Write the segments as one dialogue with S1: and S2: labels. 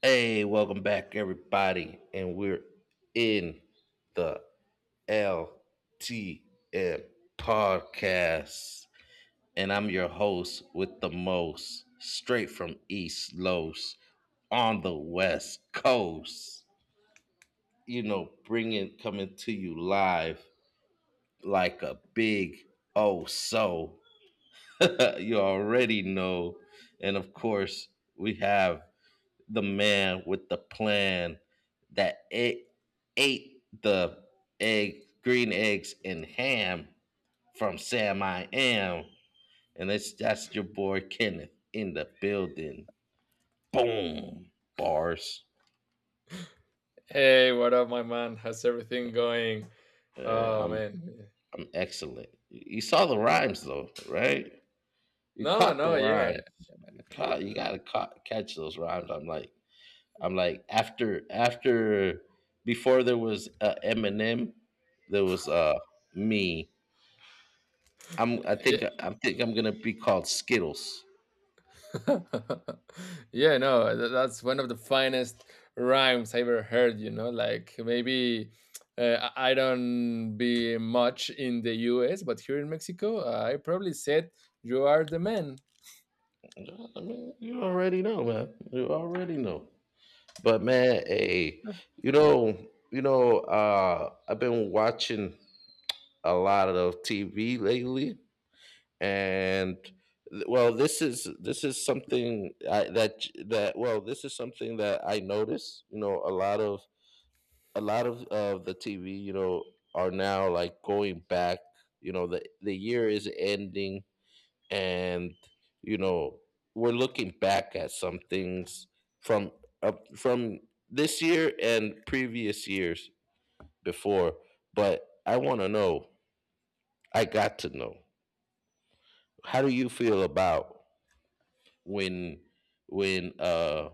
S1: Hey, welcome back, everybody, and we're in the LTM podcast, and I'm your host with the most, straight from East Los, on the West Coast. You know, bringing coming to you live like a big oh so. You already know, and of course we have the man with the plan that it ate the egg, green eggs and ham from Sam I Am. And it's that's your boy Kenneth in the building. Boom. Bars.
S2: Hey, what up, my man? How's everything going?
S1: Uh,
S2: Oh
S1: I'm
S2: man,
S1: I'm excellent. You saw the rhymes, though, right? You
S2: no,
S1: caught the
S2: no, yeah,
S1: rhymes. You gotta catch those rhymes. I'm like after after before there was Eminem, there was me. I'm I
S2: yeah,
S1: think I think I'm gonna be called Skittles.
S2: yeah. No, that's one of the finest rhymes I ever heard. You know, like maybe I don't be much in the U.S., but here in Mexico, I probably said you are the man.
S1: I mean, you already know, man. You already know. But, man, hey, you know, you know, I've been watching a lot of TV lately, and well, this is something I, that that well, this is something that I notice. You know, a lot of the TV, you know, are now like going back. You know, the year is ending, and, you know, we're looking back at some things from from this year and previous years before. But I want to know. I got to know. How do you feel about when when uh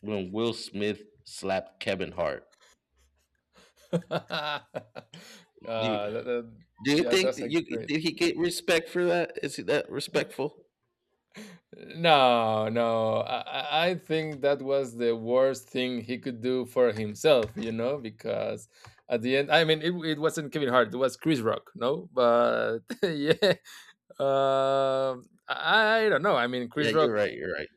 S1: when Will Smith slapped Kevin Hart?
S2: uh, that, that-
S1: Do you
S2: yeah,
S1: think
S2: that's
S1: that
S2: a
S1: you
S2: great.
S1: did he get respect for that? Is he that respectful?
S2: No, no. I think that was the worst thing he could do for himself, you know, because at the end, I mean, it wasn't Kevin Hart, it was Chris Rock, no? But yeah, I don't know. I mean,
S1: Yeah,
S2: Chris
S1: you're
S2: Rock
S1: right. You're right.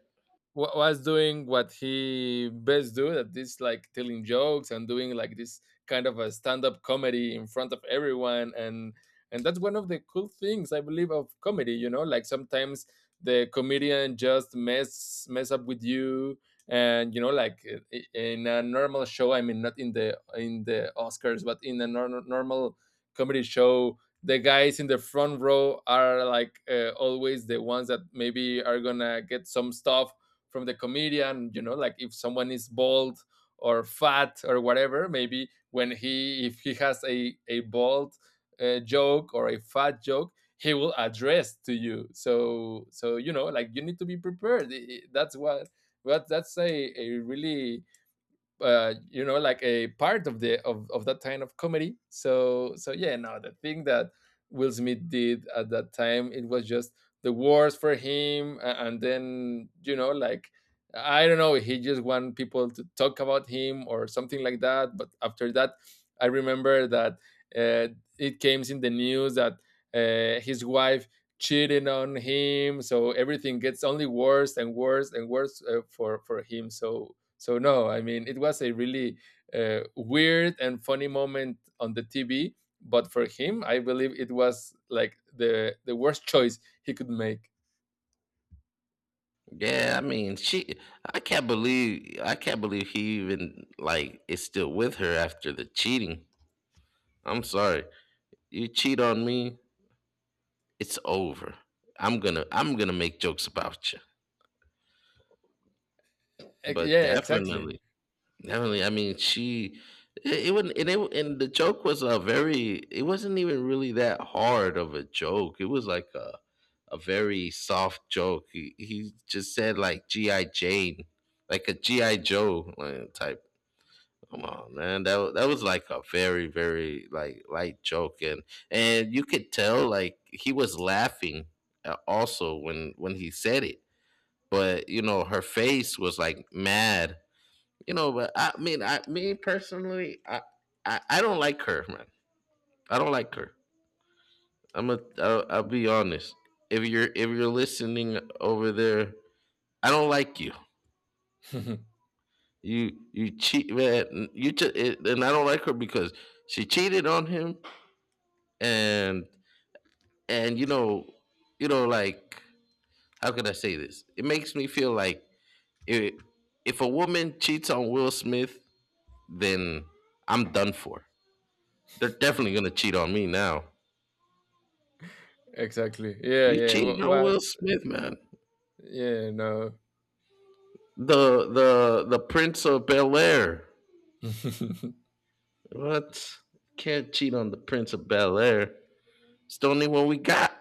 S2: was doing what he best do that is like telling jokes and doing like this kind of a stand-up comedy in front of everyone, and that's one of the cool things I believe of comedy. You know, like sometimes the comedian just mess up with you, and you know, like in a normal show, I mean, not in the in the Oscars, but in a normal comedy show, the guys in the front row are like always the ones that maybe are gonna get some stuff from the comedian. You know, like if someone is bald or fat or whatever, maybe when he if he has a bald joke or a fat joke, he will address to you, so so you know like you need to be prepared. That's what that's a really you know, like a part of the of that kind of comedy. So so yeah, no, the thing that Will Smith did at that time, it was just the worst for him. And then, you know, like I don't know, he just want people to talk about him or something like that. But after that, I remember that uh, it came in the news that his wife cheating on him, so everything gets only worse and worse and worse for him. So so no, I mean, it was a really weird and funny moment on the TV. But for him, I believe it was like the worst choice he could make.
S1: Yeah, I mean, she. I can't believe he even like is still with her after the cheating. I'm sorry. You cheat on me, it's over. I'm gonna make jokes about you. But
S2: Yeah, exactly.
S1: definitely. Definitely. I mean, she. It wouldn't, and it and the joke was a very. It wasn't even really that hard of a joke. It was like a very soft joke. He just said like GI Jane, like a GI Joe, like, type. Come on, man. That was like a very, very like light joke, and you could tell like he was laughing, also when he said it. But, you know, her face was like mad, you know. But I mean, I me personally, I don't like her, man. I don't like her. I'll be honest. If you're listening over there, I don't like you. You cheat, man. You just and I don't like her because she cheated on him, and, you know, like, how could I say this? It makes me feel like, if a woman cheats on Will Smith, then I'm done for. They're definitely gonna cheat on me now.
S2: Exactly. Yeah,
S1: You
S2: yeah.
S1: cheating
S2: What?
S1: on
S2: What?
S1: Will Smith, man.
S2: Yeah, no.
S1: The Prince of Bel Air. What? Can't cheat on the Prince of Bel Air. It's the only one we got,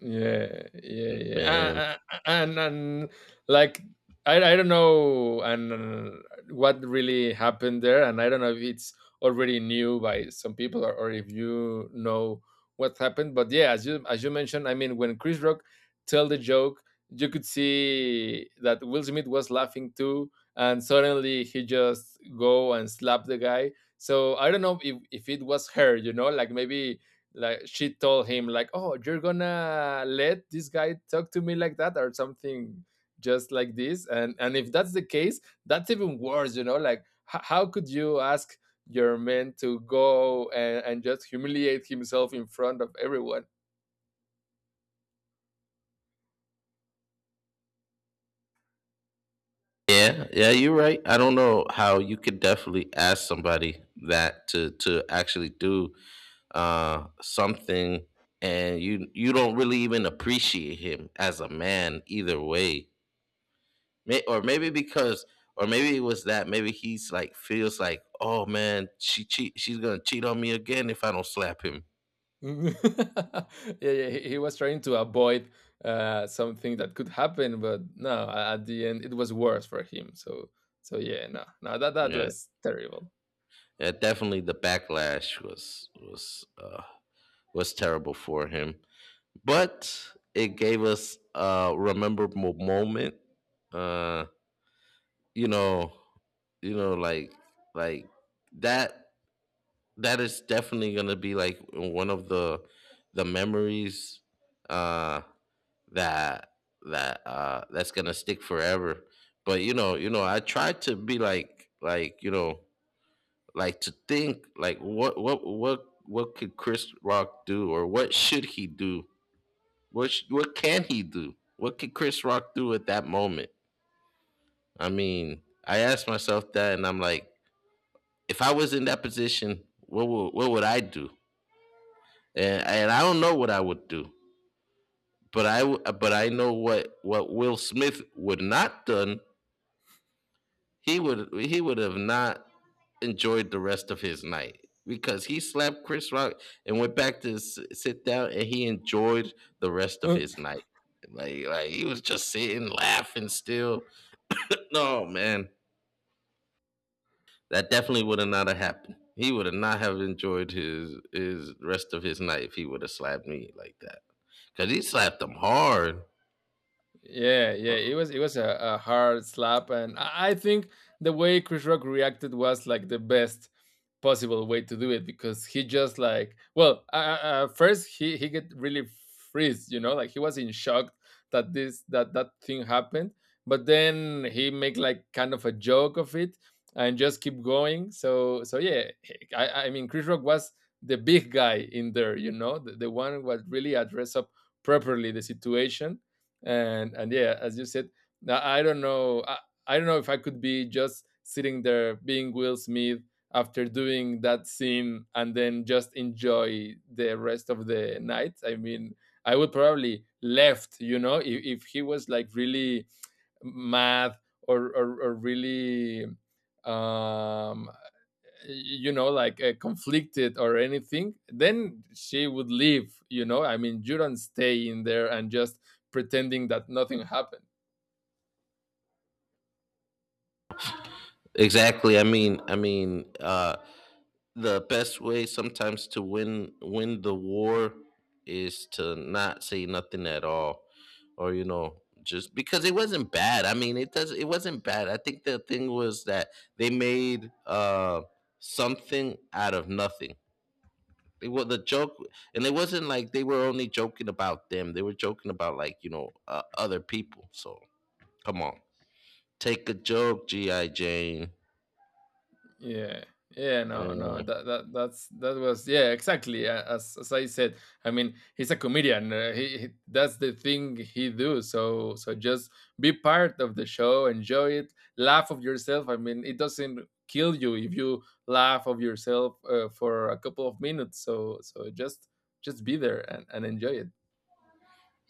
S2: Yeah, yeah, yeah.
S1: man.
S2: And like I don't know, and what really happened there, and I don't know if it's already new by some people, or if you know what happened. But yeah, as you mentioned, I mean, when Chris Rock tell the joke, you could see that Will Smith was laughing too, and suddenly he just go and slap the guy. So I don't know if it was her, you know, like maybe like she told him like, oh, you're gonna let this guy talk to me like that or something just like this. And if that's the case, that's even worse. You know, like how could you ask your man to go and just humiliate himself in front of everyone.
S1: Yeah, yeah, you're right. I don't know how you could definitely ask somebody that to actually do something, and you don't really even appreciate him as a man either way. May, or maybe because, or maybe it was that. Maybe he's like feels like, oh, man, she cheat. She's gonna cheat on me again if I don't slap him.
S2: Yeah, yeah, he was trying to avoid something that could happen, but no, at the end it was worse for him. So so yeah, no, no, that that
S1: Yeah,
S2: was terrible.
S1: yeah, definitely the backlash was, was terrible for him, but it gave us a rememberable moment. Uh, you know, like, like that. That is definitely gonna be like one of the memories. Uh that that's gonna stick forever. But, you know, I try to be like, to think like, what could Chris Rock do, or what should he do? What can he do? What could Chris Rock do at that moment? I mean, I asked myself that, and I'm like, if I was in that position, what would I do? And, I don't know what I would do, but but I know what Will Smith would not done. He would have not enjoyed the rest of his night, because he slapped Chris Rock and went back to sit down, and he enjoyed the rest of his night. Like he was just sitting laughing still. No, man, that definitely would have not have happened. He would have not have enjoyed his, rest of his night if he would have slapped me like that. 'Cause he slapped him hard.
S2: Yeah, yeah, it was a hard slap, and I think the way Chris Rock reacted was like the best possible way to do it, because he just like, well, first he get really freeze, you know, like he was in shock that this that that thing happened, but then he make like kind of a joke of it and just keep going. So so yeah, I mean Chris Rock was the big guy in there, you know, the one who was really address up properly the situation. And yeah, as you said, now I don't know. I don't know if I could be just sitting there being Will Smith after doing that scene and then just enjoy the rest of the night. I mean, I would probably left, you know, if he was like really mad or really um you know, like conflicted or anything, then she would leave. You know, I mean, you don't stay in there and just pretending that nothing happened.
S1: Exactly. I mean, the best way sometimes to win the war is to not say nothing at all, or, you know, just because it wasn't bad. I mean, it wasn't bad. I think the thing was that they made, something out of nothing. It was the joke, and it wasn't like they were only joking about them; they were joking about, like, you know, other people. So come on, take a joke, GI Jane.
S2: Yeah. Yeah, no, no, that that that's that was yeah, exactly. As I said, I mean, he's a comedian. He that's the thing he do. So so just be part of the show, enjoy it, laugh of yourself. I mean, it doesn't kill you if you laugh of yourself for a couple of minutes. So so just be there and enjoy it.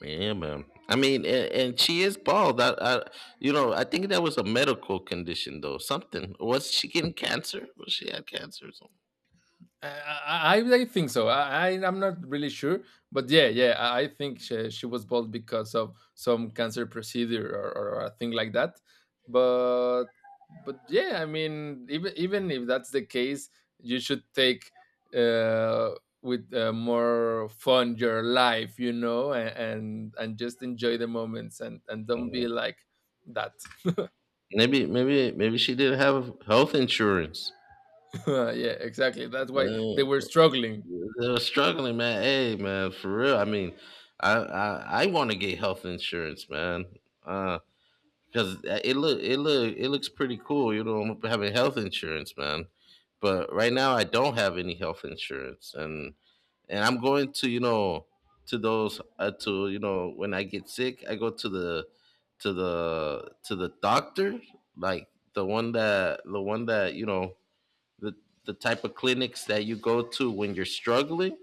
S1: Yeah, man. I mean, and, she is bald. You know, I think that was a medical condition, though. Something. Was she getting cancer? Was she had cancer or something?
S2: I think so. I'm not really sure, but yeah, yeah. I think she was bald because of some cancer procedure, or a thing like that. But but yeah, I mean, even even if that's the case, you should take uh with more fun your life, you know, and just enjoy the moments, and don't be like that.
S1: Maybe, maybe, maybe she didn't have health insurance.
S2: Yeah, exactly.
S1: Uh,
S2: That's why they were
S1: they
S2: struggling.
S1: were struggling, man. Hey, man, for real. I mean, I want to get health insurance, man. Uh, because it looks pretty cool, you know, having health insurance, man. But right now, I don't have any health insurance, and I'm going to you know to those to you know when I get sick, I go to the, to the doctor, like the one that, you know, the the type of clinics that you go to when you're struggling.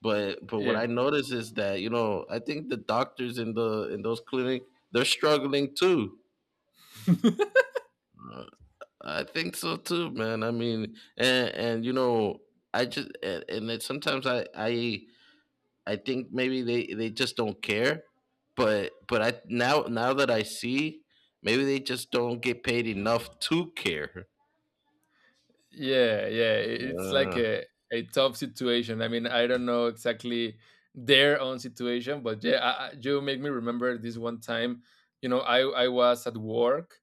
S1: But, what
S2: Yeah.
S1: I notice is that, you know, I think the doctors in the, in those clinic, they're struggling too. Uh, I think so too, man. I mean, and you know, I just and it, sometimes I think maybe they just don't care, but, I now that I see, maybe they just don't get paid enough to care.
S2: Yeah, yeah, it's like
S1: Uh,
S2: a tough situation. I mean, I don't know exactly their own situation, but yeah, you make me remember this one time. You know, I was at work.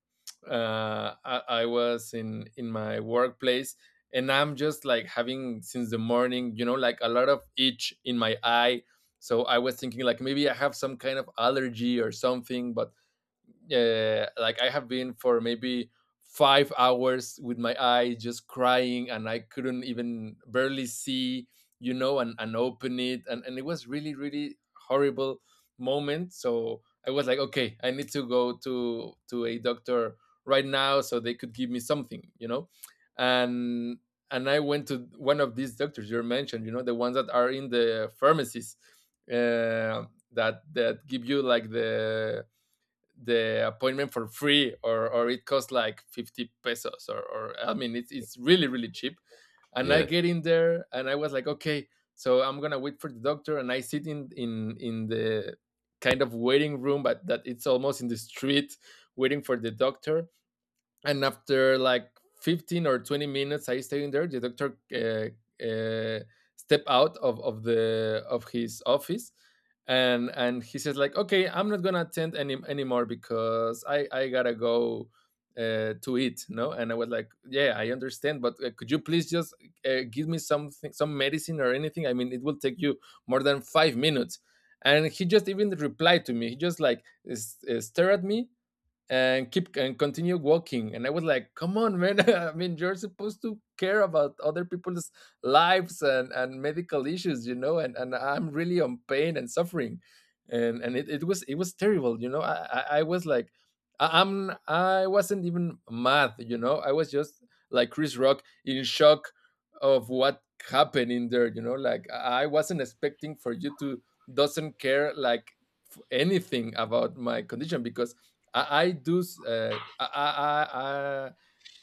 S2: I was in my workplace, and I'm just like having since the morning. You know, like a lot of itch in my eye. So I was thinking like maybe I have some kind of allergy or something, but like I have been for maybe 5 hours with my eye just crying, and I couldn't even barely see, you know, and open it, and it was really really horrible moment. So I was like, okay, I need to go to a doctor right now so they could give me something, you know, and and I went to one of these doctors you mentioned, you know, the ones that are in the pharmacies that that give you like the appointment for free, or it costs like 50 pesos, or I mean it's really really cheap. And I
S1: yeah,
S2: get in there and I was like, okay, so I'm gonna wait for the doctor. And I sit in the kind of waiting room, but that it's almost in the street, waiting for the doctor. And after like 15 or 20 minutes I staying there, the doctor uh, step out of the of his office, and he says like, okay, I'm not gonna attend any anymore because I gotta go to eat, no? And I was like, yeah, I understand, but could you please just give me something, some medicine or anything. I mean, it will take you more than 5 minutes. And he just even replied to me, he just like stared at me and keep and continue walking. And I was like, come on, man. I mean, you're supposed to care about other people's lives and medical issues, you know. And I'm really on pain and suffering. And it, it was terrible. You know, I was like I wasn't even mad. You know, I was just like Chris Rock in shock of what happened in there. You know, like I wasn't expecting for you to doesn't care like anything about my condition, because I do. Uh, I, I, I,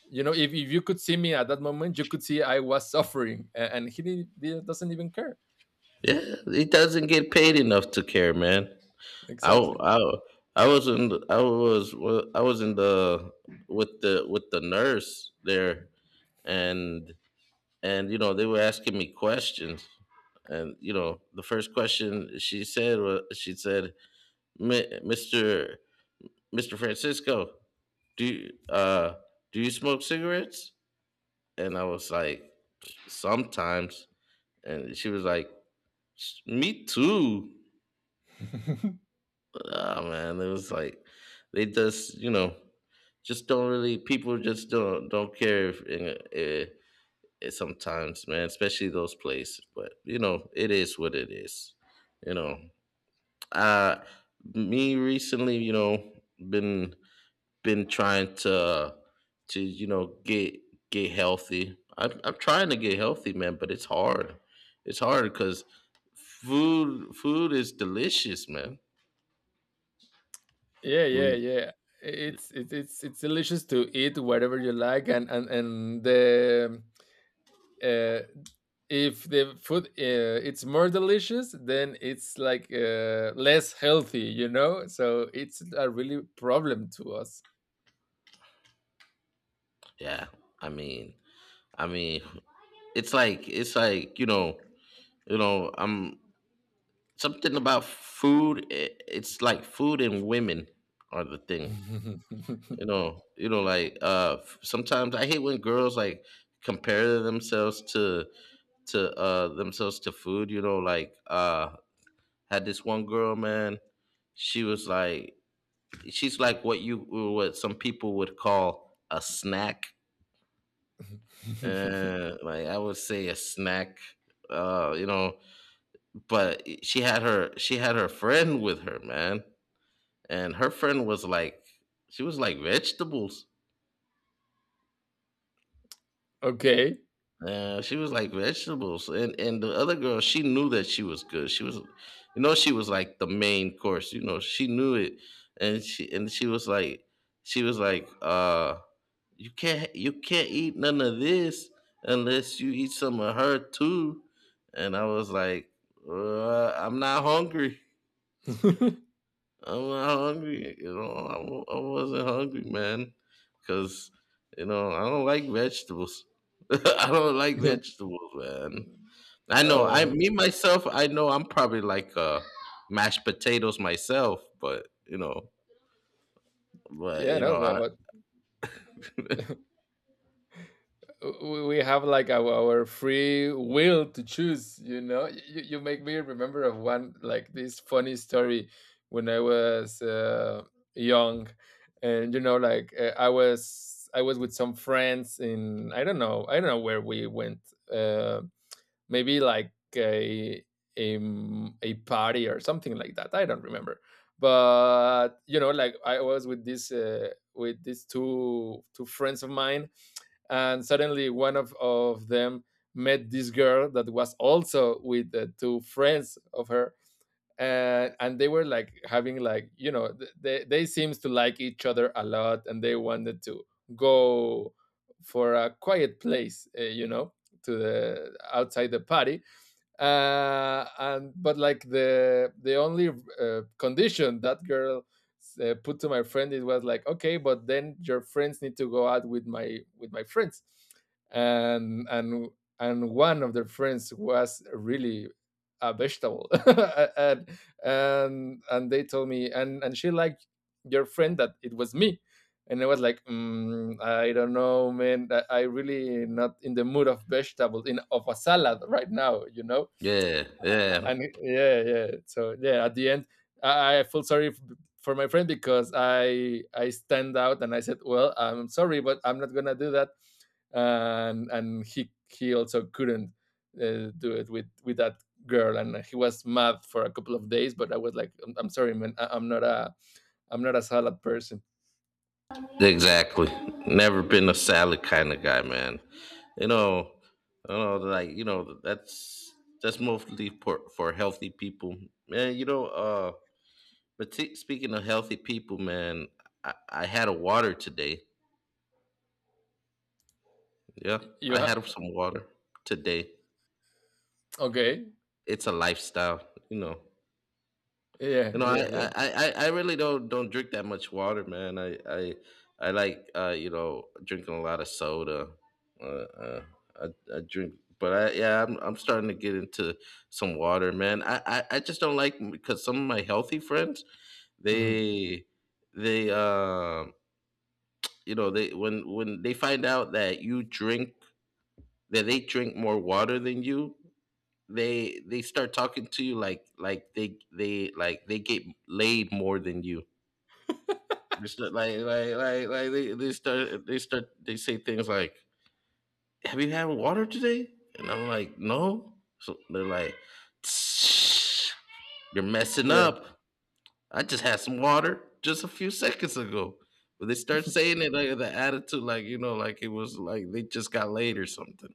S2: you know, if you could see me at that moment, you could see I was suffering, and he doesn't even care.
S1: yeah, he doesn't get paid enough to care, man. I w-
S2: Exactly.
S1: I w- I was in the- I was I was in the, with the nurse there, and you know, they were asking me questions, and, you know, the first question she said, "Mi- Mr. Francisco, do you uh do you smoke cigarettes?" And I was like, "Sometimes." And she was like, Me too." Ah, man, it was like they just, you know, just don't really, people just don't care if, eh, eh, it sometimes, man, especially those places. But, you know, it is what it is. You know, uh, me recently, you know, been been trying to, you know, get healthy. I'm trying to get healthy, man, but it's hard. It's hard because food is delicious, man.
S2: Yeah, yeah,
S1: When,
S2: yeah. It's delicious to eat whatever you like, and the uh, if the food it's more delicious, then it's like less healthy, you know. So it's a really problem to us.
S1: yeah, I mean, I mean, it's like, I'm, something about food, it's like food and women are the thing. You know, like, sometimes I hate when girls like compare themselves to food. You know, like, had this one girl, man. she was like she's like, what you, what some people would call a snack. Like, I would say a snack, you know. But she had her friend with her, man. And her friend was like, vegetables.
S2: Okay.
S1: Yeah, she was like vegetables, and the other girl, she knew that she was good. She was, you know, she was like the main course. You know, she knew it, and she was like, she was like, uh, you can't, eat none of this unless you eat some of her too. And I was like, I'm not hungry. I'm not hungry. You know, I wasn't hungry, man, because, you know, I don't like vegetables. I don't like
S2: Yeah.
S1: vegetables, man. I know.
S2: Oh
S1: I, me myself. I know. I'm probably like, mashed potatoes myself, but, you know, but,
S2: yeah,
S1: you
S2: no,
S1: know, I
S2: but we have like our free will to choose, you know. You make me remember of one like this funny story when I was young. And you know, like I was with some friends in, I don't know where we went, uh, maybe like a party or something like that, I don't remember. But you know, like I was with this with these two friends of mine, and suddenly one of them met this girl that was also with the two friends of her. And they were like having, like, you know, they seems to like each other a lot, and they wanted to go for a quiet place, you know, to the outside the party. And but like the only condition that girl put to my friend, it was like, okay, but then your friends need to go out with my, with my friends. And and and one of their friends was really a vegetable and and they told me, and she liked your friend that it was me. And I was like, I don't know, man, I really not in the mood of vegetable in of a salad right now, you know.
S1: yeah, yeah,
S2: And yeah, yeah. So yeah, at the end, I feel sorry for my friend, because I stand out and I said, well, I'm sorry, but I'm not gonna do that. And he also couldn't do it with that girl, and he was mad for a couple of days. But I was like, I'm sorry, man, I, I'm not a salad person.
S1: exactly. Never been a salad kind of guy, man. You know, like, you know, that's mostly for, healthy people, man. But see, speaking of healthy people, man, I had a water today. Yeah,
S2: You
S1: I
S2: have
S1: had some water today.
S2: okay,
S1: It's a lifestyle, you know.
S2: yeah,
S1: You know,
S2: yeah,
S1: I
S2: yeah,
S1: I, I, I really don't drink that much water, man. I like, you know, drinking a lot of soda. Uh, uh, I, I drink, but I yeah, I'm starting to get into some water, man. I just don't like because some of my healthy friends
S2: hmm
S1: they they they when they find out that you drink that they drink more water than you, they start talking to you like they like they get laid more than you. They start like they start they start they say things like, have you had water today? And I'm like, no. So they're like, "Tsh, you're messing
S2: yeah.
S1: up. I just had some water just a few seconds ago." But they start saying it like, the attitude, like, like it was like they just got laid or something.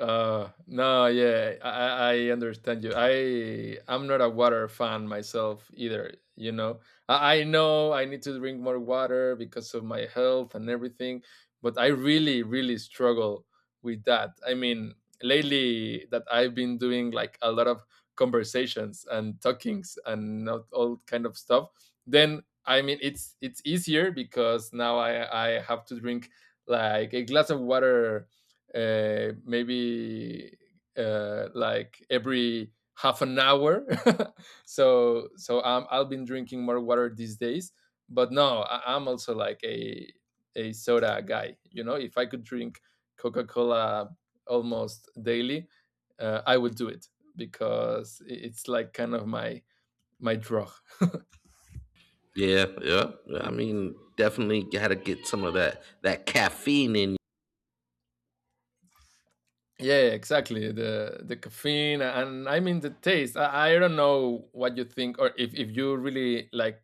S2: No, yeah, I understand you. I'm not a water fan myself either. You know, I know I need to drink more water because of my health and everything, but I really, really struggle with that. I mean, lately that I've been doing like a lot of conversations and talkings and not all kind of stuff. Then I mean, it's easier because now I have to drink like a glass of water, maybe like every half an hour. So I'm I've been drinking more water these days. But no, I, I'm also like a soda guy. You know, if I could drink Coca Cola almost daily, I would do it because it's like kind of my my drug.
S1: Yeah, yeah, yeah, I mean, definitely got to get some of that caffeine in.
S2: Yeah, exactly. The caffeine and I mean the taste. I don't know what you think, or if you really like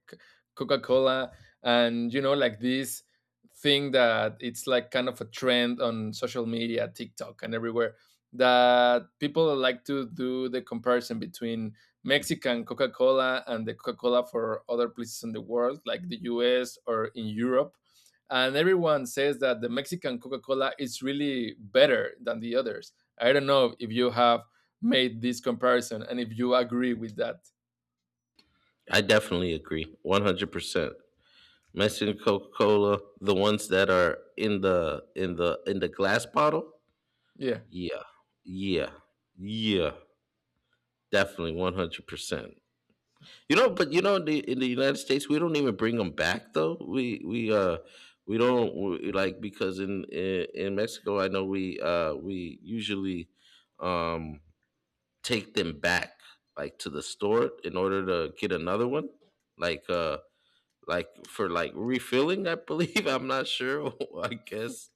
S2: Coca-Cola, and you know, like this thing that it's like kind of a trend on social media, TikTok and everywhere, that people like to do the comparison between Mexican Coca-Cola and the Coca-Cola for other places in the world, like the US or in Europe, and everyone says that the Mexican Coca-Cola is really better than the others. I don't know if you have made this comparison and if you agree with that.
S1: I definitely agree, 100%. Mexican Coca-Cola, the ones that are in the glass bottle.
S2: Yeah.
S1: Yeah, yeah, yeah, definitely 100%. You know, but you know, in the United States, we don't even bring them back though. We don't we, like because in Mexico, I know we usually um take them back, like to the store, in order to get another one. Like uh like for like refilling, I believe. I'm not sure, I guess.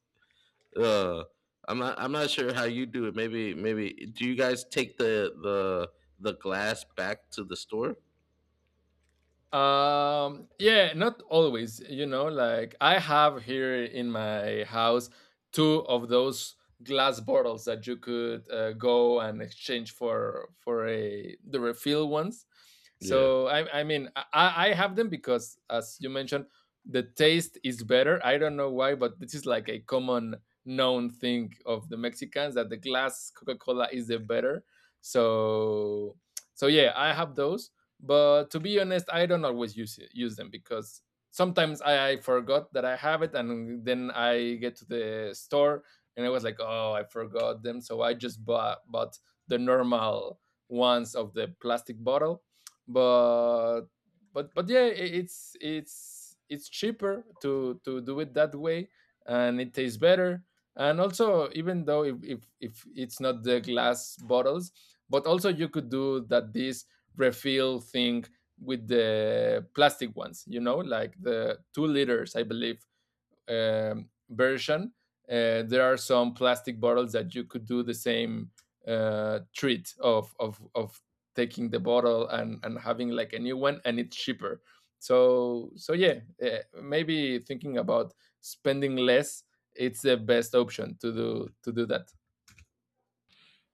S1: uh I'm not sure how you do it. Maybe, do you guys take the glass back to the store?
S2: Yeah, not always, you know, like I have here in my house two of those glass bottles that you could go and exchange for a the refill ones.
S1: Yeah.
S2: So I mean I have them because, as you mentioned, the taste is better. I don't know why, but this is like a common known thing of the Mexicans, that the glass Coca-Cola is the better. So so yeah, I have those, but to be honest, I don't always use it, use them, because sometimes I forgot that I have it, and then I get to the store and I was like, oh, I forgot them, so I just bought the normal ones of the plastic bottle. But but yeah, it's it's cheaper to do it that way, and it tastes better. And also, even though if it's not the glass bottles, but also you could do that this refill thing with the plastic ones, you know, like the 2 liters, I believe, version. There are some plastic bottles that you could do the same treat of taking the bottle and having like a new one, and it's cheaper. So so yeah, maybe thinking about spending less, it's the best option to do that.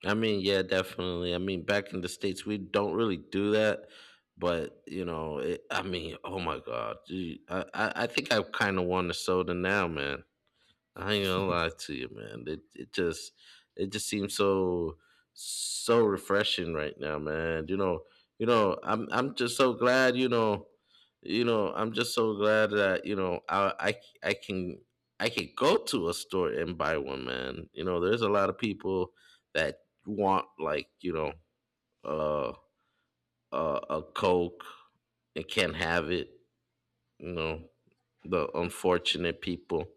S1: I mean, yeah, definitely. I mean, back in the States, we don't really do that. But, you know, it, I mean, oh my God. Gee, I think I kind of want a soda now, man. I ain't gonna lie to you, man. It just, it just seems so so refreshing right now, man. You know, I'm just so glad, you know, I'm just so glad that, you know, I can, I can go to a store and buy one, man. You know, there's a lot of people that want, like, you know, uh a Coke and can't have it, you know, the unfortunate people,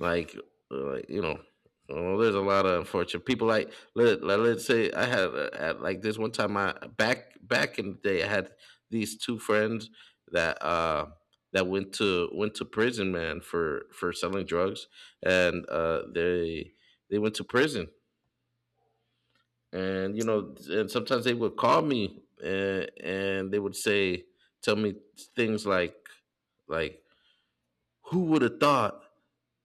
S1: like, you know, well, there's a lot of unfortunate people. Like, let us say, I had like this one time. I, back in the day, I had these two friends that went to prison, man, for selling drugs, and they went to prison, and you know, and sometimes they would call me, and they would say, tell me things like, who would have thought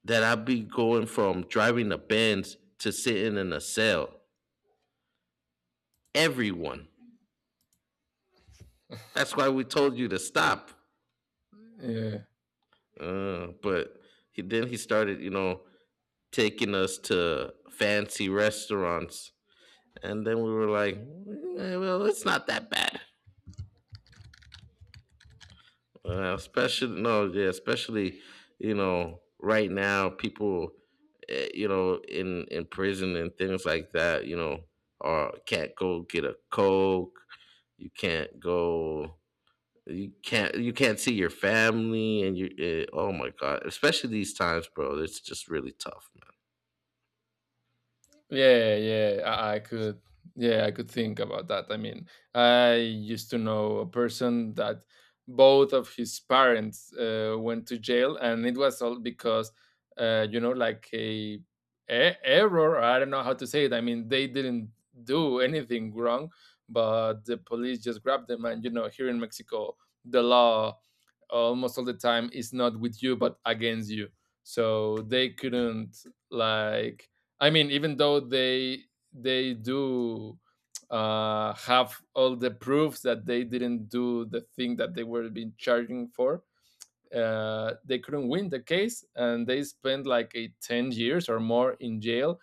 S1: that I be going from driving a Benz to sitting in a cell. Everyone. That's why we told you to stop.
S2: Yeah.
S1: But then he started, you know, taking us to fancy restaurants, and then we were like, "Eh, well, it's not that bad." Especially no, yeah, especially, you know, right now, people, you know, in prison and things like that, you know, are, can't go get a Coke. You can't go. You can't. You can't see your family. And you, oh my God! Especially these times, bro. It's just really tough, man.
S2: Yeah, yeah, I could. Yeah, I could think about that. I mean, I used to know a person that both of his parents went to jail, and it was all because, you know, like a, error. I don't know how to say it. I mean, they didn't do anything wrong, but the police just grabbed them. And you know, here in Mexico, the law almost all the time is not with you, but against you. So they couldn't like, I mean, even though they do have all the proofs that they didn't do the thing that they were being charging for, they couldn't win the case, and they spent like a 10 years or more in jail.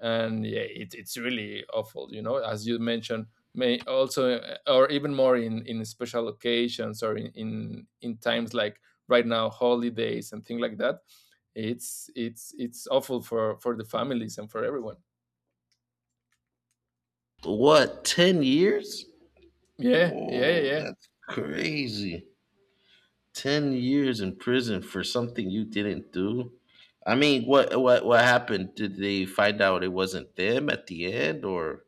S2: And yeah, it, it's really awful, you know. As you mentioned, may also or even more in special occasions or in times like right now, holidays and things like that, it's awful for the families and for everyone.
S1: What, 10 years?
S2: Yeah, yeah, yeah.
S1: Whoa,
S2: yeah.
S1: that's crazy. 10 years in prison for something you didn't do. I mean, what what happened? Did they find out it wasn't them at the end? Or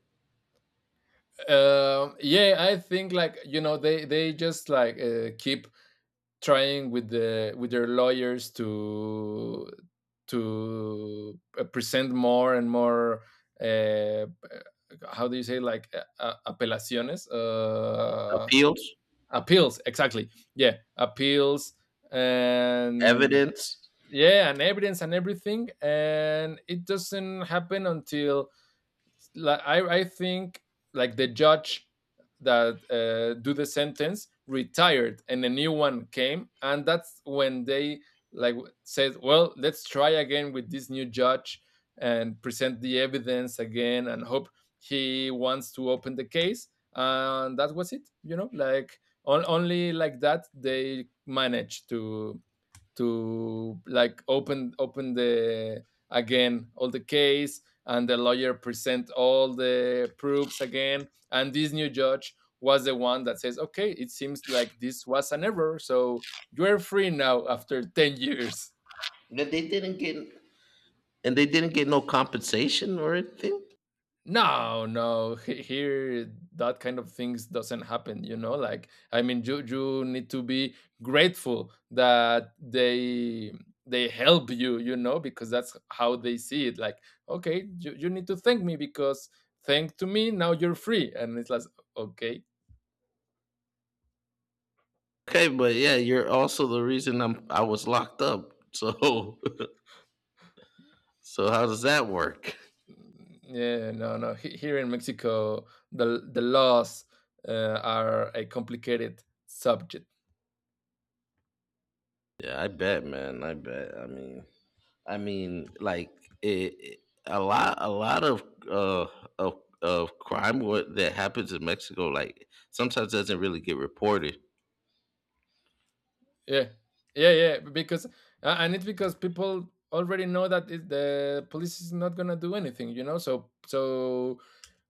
S2: Yeah, I think, like, you know, they just like keep trying with the with their lawyers to present more and more. Uh, how do you say, like apelaciones?
S1: appeals,
S2: Appeals, exactly. Yeah, appeals and
S1: evidence,
S2: yeah, and evidence and everything, and it doesn't happen until like I think like the judge that do the sentence retired, and a new one came, and that's when they, like, said, well, let's try again with this new judge and present the evidence again and hope he wants to open the case. And that was it, you know, like on, only like that they managed to like open the again all the case, and the lawyer present all the proofs again, and this new judge was the one that says, okay, it seems like this was an error, so you're free now after 10 years.
S1: that they didn't get? And they didn't get no compensation or anything?
S2: No, no, here that kind of things doesn't happen, you know. Like, I mean, you need to be grateful that they help you, you know, because that's how they see it, like, okay, you need to thank me, because thank to me now you're free, and it's like, okay.
S1: Okay, but yeah, you're also the reason I'm, I was locked up, so, so how does that work?
S2: Yeah, no, no, here in Mexico the laws are a complicated subject.
S1: Yeah, I bet, man, I bet. I mean, I mean, like, it- a a lot of uh, of crime what that happens in Mexico, like, sometimes doesn't really get reported.
S2: Yeah, yeah, yeah. Because and it's because people already know that, it, the police is not gonna do anything, you know. So so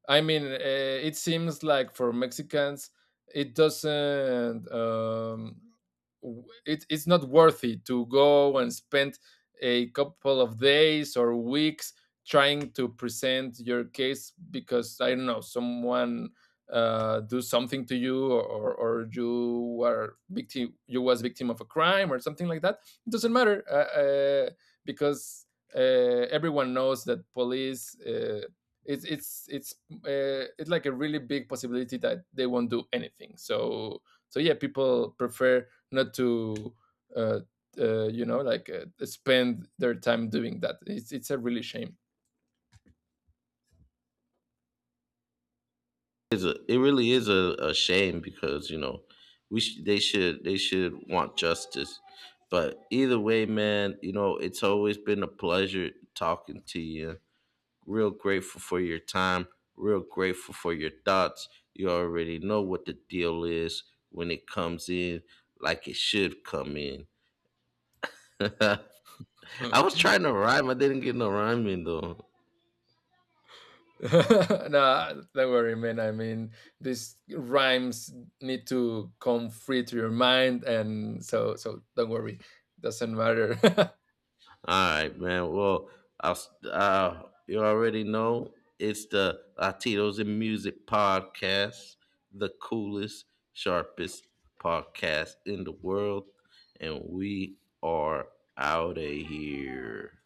S2: I mean, it seems like for Mexicans, it doesn't. It, it's not worthy to go and spend a couple of days or weeks trying to present your case because I don't know someone do something to you, or, you were victim, you was victim of a crime or something like that. It doesn't matter because uh, everyone knows that police. It's it's like a really big possibility that they won't do anything. So so yeah, people prefer not to uh, you know, like spend their time doing that. It's a really shame.
S1: Is a, it really is a shame, because you know, they should, want justice. But either way, man, you know, it's always been a pleasure talking to you. Real grateful for your time, real grateful for your thoughts. You already know what the deal is. When it comes in, like it should come in. I
S2: Uh.
S1: was trying to rhyme, I didn't get no rhyme in though.
S2: Nah, don't worry, man. I mean, these rhymes need to come free to your mind, and so so don't worry, doesn't matter.
S1: All right, man. Well, I'll, you already know, it's the Latinos in Music podcast, the coolest, sharpest podcast in the world, and we are out of here.